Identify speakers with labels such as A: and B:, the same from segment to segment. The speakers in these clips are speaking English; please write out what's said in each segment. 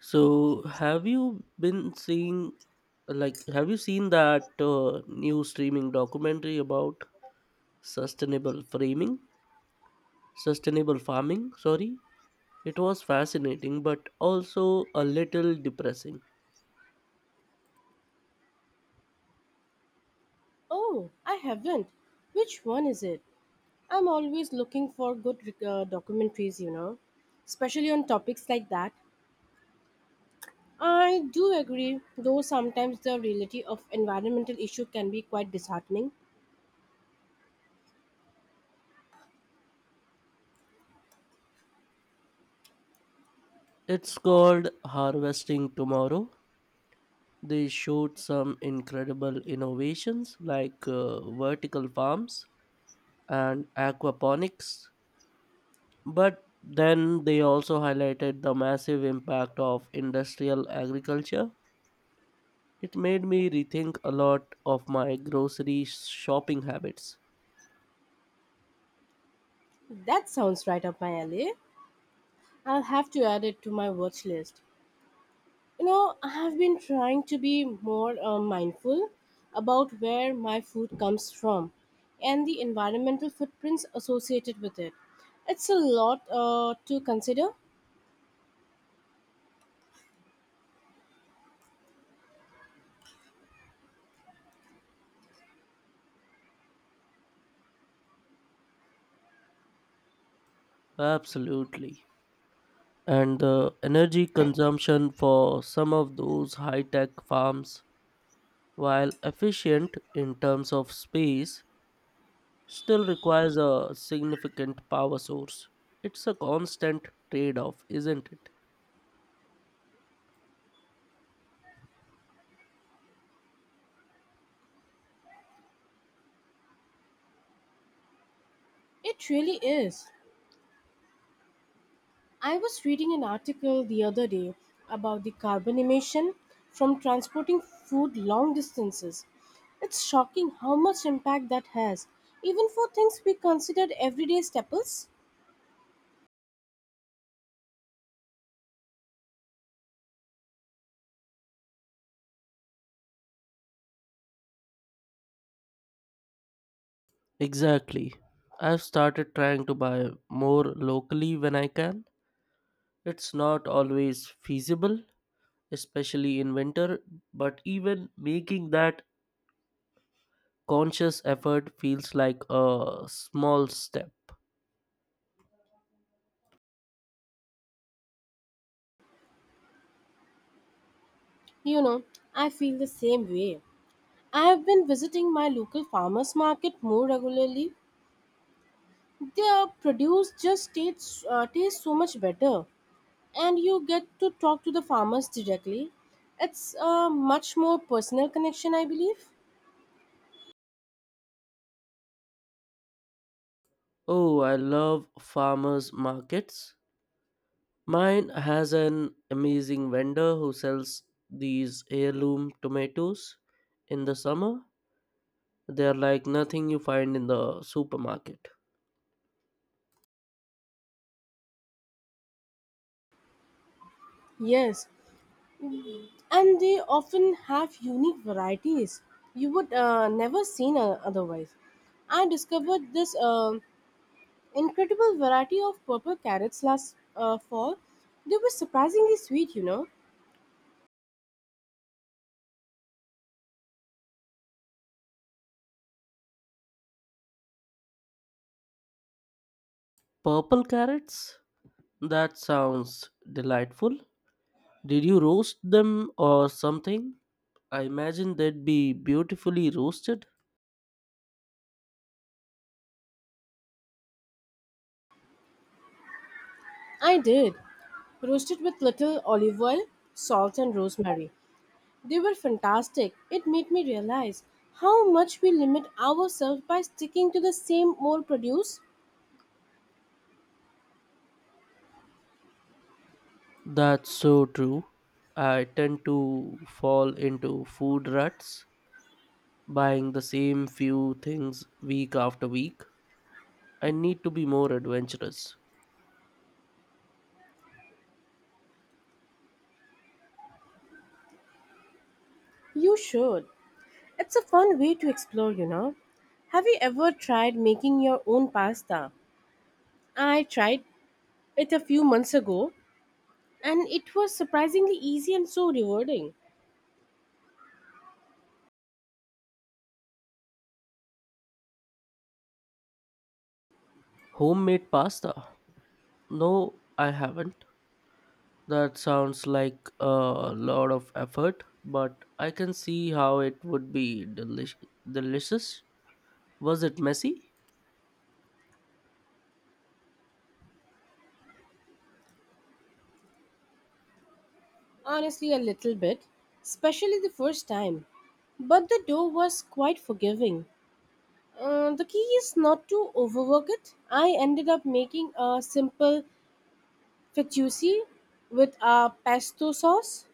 A: So, have you been seeing, like, have you seen that new streaming documentary about sustainable framing, sustainable farming? Sorry, it was fascinating, but also a little depressing.
B: Oh, I haven't. Which one is it? I'm always looking for good documentaries, you know, especially on topics like that. I do agree, though sometimes the reality of environmental issue can be quite disheartening.
A: It's called Harvesting Tomorrow. They showed some incredible innovations like vertical farms and aquaponics. But then they also highlighted the massive impact of industrial agriculture. It made me rethink a lot of my grocery shopping habits.
B: That sounds right up my alley. I'll have to add it to my watch list. You know, I have been trying to be more mindful about where my food comes from and the environmental footprints associated with it. It's a lot to consider.
A: Absolutely. And the energy consumption for some of those high tech farms, while efficient in terms of space, still requires a significant power source. It's a constant trade off, isn't it?
B: It really is. I was reading an article the other day about the carbon emission from transporting food long distances. It's shocking how much impact that has, even for things we considered everyday staples.
A: Exactly. I've started trying to buy more locally when I can. It's not always feasible, especially in winter, but even making that conscious effort feels like a small step.
B: You know, I feel the same way. I have been visiting my local farmers market more regularly. Their produce just tastes so much better, and you get to talk to the farmers directly. It's a much more personal connection, I believe.
A: Oh, I love farmers markets. Mine has an amazing vendor who sells these heirloom tomatoes in the summer. They are like nothing you find in the supermarket.
B: Yes, and they often have unique varieties you would never seen otherwise. I discovered this incredible variety of purple carrots last fall. They were surprisingly sweet, you know.
A: Purple carrots? That sounds delightful. Did you roast them or something? I imagine they'd be beautifully roasted.
B: I did. Roasted with little olive oil, salt, and rosemary. They were fantastic. It made me realize how much we limit ourselves by sticking to the same old produce.
A: That's so true. I tend to fall into food ruts, buying the same few things week after week. I need to be more adventurous.
B: You should. It's a fun way to explore, you know. Have you ever tried making your own pasta? I tried it a few months ago and it was surprisingly easy and so rewarding.
A: Homemade pasta? No, I haven't. That sounds like a lot of effort, but I can see how it would be delicious. Was it messy?
B: Honestly, a little bit, especially the first time. But the dough was quite forgiving. The key is not to overwork it. I ended up making a simple fettuccine with a pesto sauce.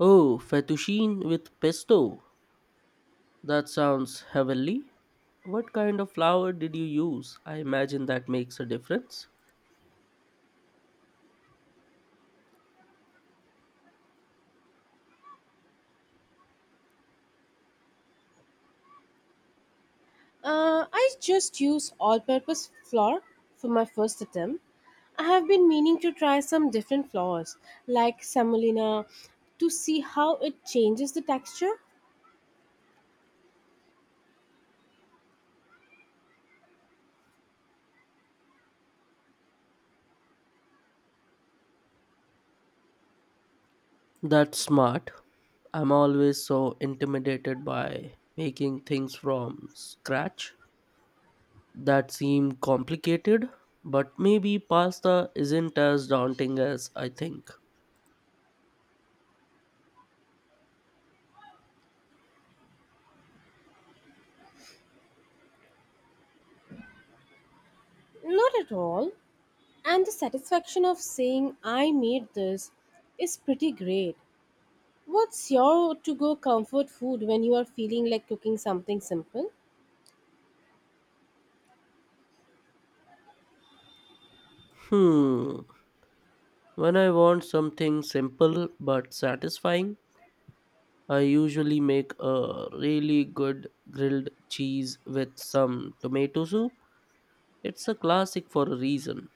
A: Oh, fettuccine with pesto. That sounds heavenly. What kind of flour did you use? I imagine that makes a difference.
B: I just used all-purpose flour for my first attempt. I have been meaning to try some different flours, like semolina, to see how it changes the texture.
A: That's smart. I'm always so intimidated by making things from scratch. That seemed complicated, but maybe pasta isn't as daunting as I think.
B: Not at all. And the satisfaction of saying I made this is pretty great. What's your to go comfort food when you are feeling like cooking something simple?
A: Hmm. When I want something simple but satisfying, I usually make a really good grilled cheese with some tomato soup. It's a classic for a reason.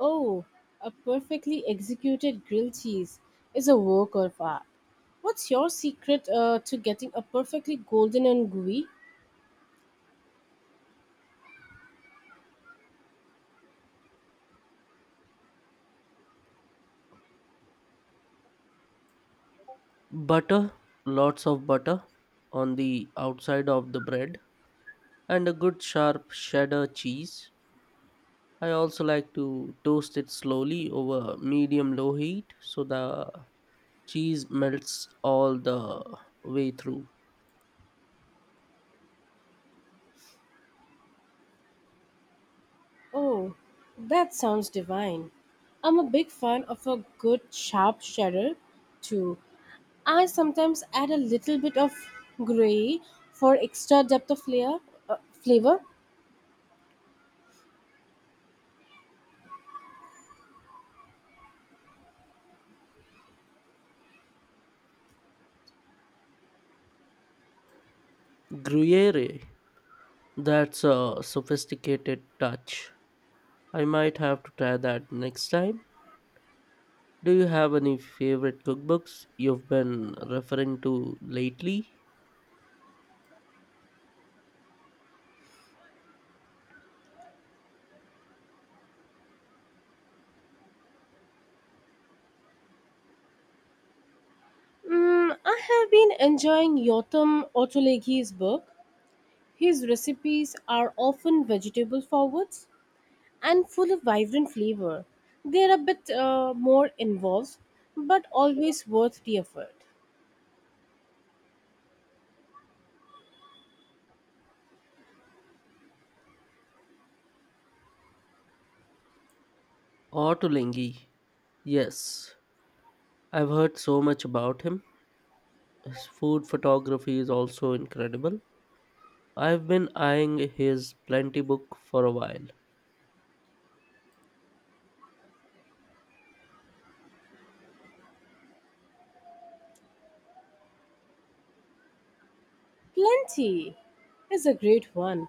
B: Oh, a perfectly executed grilled cheese is a work of art. What's your secret to getting a perfectly golden and gooey?
A: Butter, lots of butter on the outside of the bread, and a good sharp cheddar cheese. I also like to toast it slowly over medium low heat so the cheese melts all the way through.
B: Oh, that sounds divine. I'm a big fan of a good sharp cheddar too. I sometimes add a little bit of gray for extra depth of flavor.
A: Gruyere, that's a sophisticated touch. I might have to try that next time. Do you have any favorite cookbooks you've been referring to lately?
B: I have been enjoying Yotam Ottolenghi's book. His recipes are often vegetable forwards and full of vibrant flavor. They're a bit more involved, but always worth the effort.
A: Otto Lengi. Yes, I've heard so much about him. His food photography is also incredible. I've been eyeing his plenty book for a while.
B: Plenty is a great one.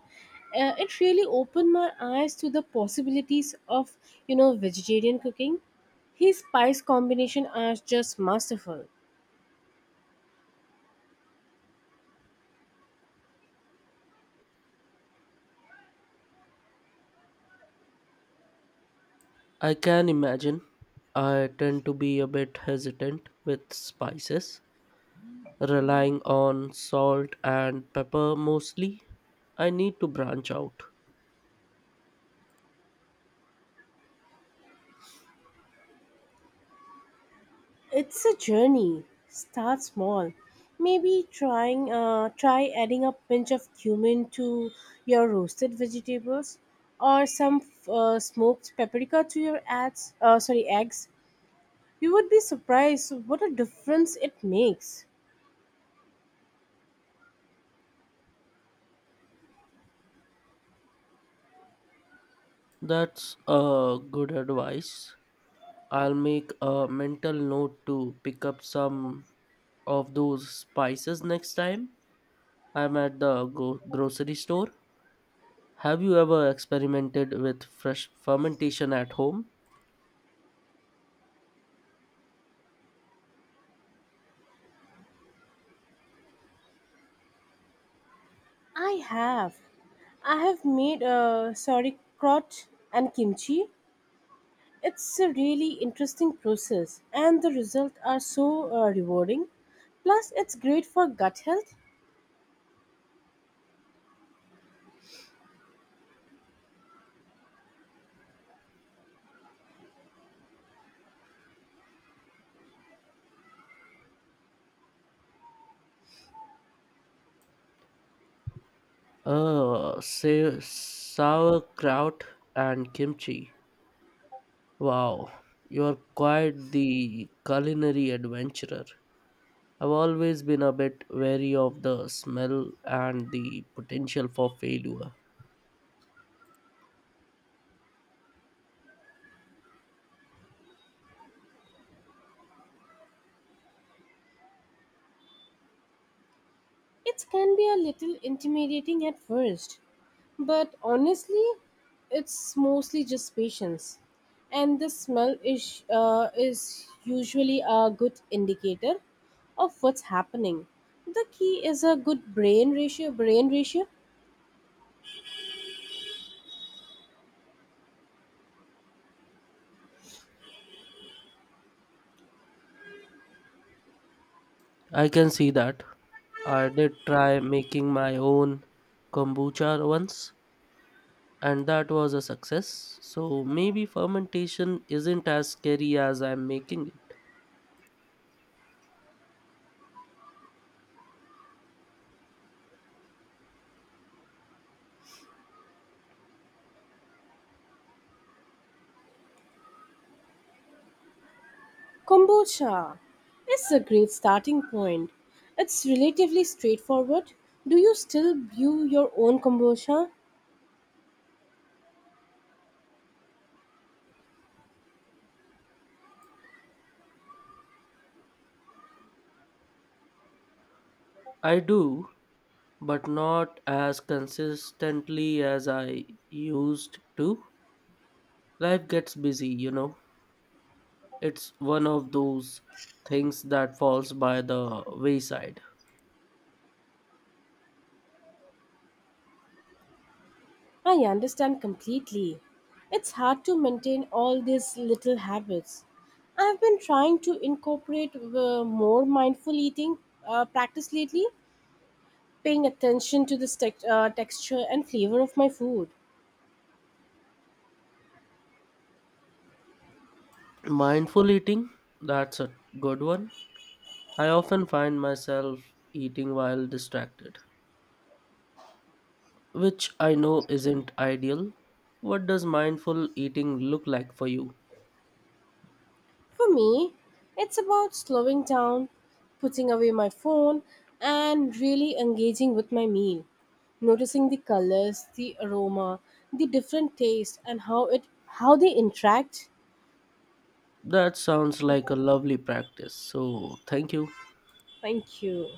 B: It really opened my eyes to the possibilities of, you know, vegetarian cooking. His spice combination are just masterful.
A: I can imagine. I tend to be a bit hesitant with spices, relying on salt and pepper mostly. I need to branch out.
B: It's a journey. Start small. Maybe try adding a pinch of cumin to your roasted vegetables, or some smoked paprika to your ads. Sorry, eggs. You would be surprised what a difference it makes.
A: That's a good advice. I'll make a mental note to pick up some of those spices next time I'm at the grocery store. Have you ever experimented with fresh fermentation at home?
B: I have. I have made sauerkraut and kimchi. It's a really interesting process, and the results are so rewarding. Plus, it's great for gut health.
A: Say sauerkraut and kimchi. Wow, you're quite the culinary adventurer. I've always been a bit wary of the smell and the potential for failure.
B: It can be a little intimidating at first, but honestly, it's mostly just patience. And the smell is usually a good indicator of what's happening. The key is a good brain ratio. Brain ratio.
A: I can see that. I did try making my own kombucha once, and that was a success. So maybe fermentation isn't as scary as I'm making it.
B: Kombucha is a great starting point. It's relatively straightforward. Do you still brew your own kombucha?
A: I do, but not as consistently as I used to. Life gets busy, you know. It's one of those things that falls by the wayside.
B: I understand completely. It's hard to maintain all these little habits. I've been trying to incorporate more mindful eating practice lately, paying attention to the texture and flavor of my food.
A: Mindful eating, that's a good one. I often find myself eating while distracted, which I know isn't ideal. What does mindful eating look like for you?
B: For me, it's about slowing down, putting away my phone, and really engaging with my meal. Noticing the colors, the aroma, the different taste, and how they interact.
A: That sounds like a lovely practice. So, thank you.
B: Thank you.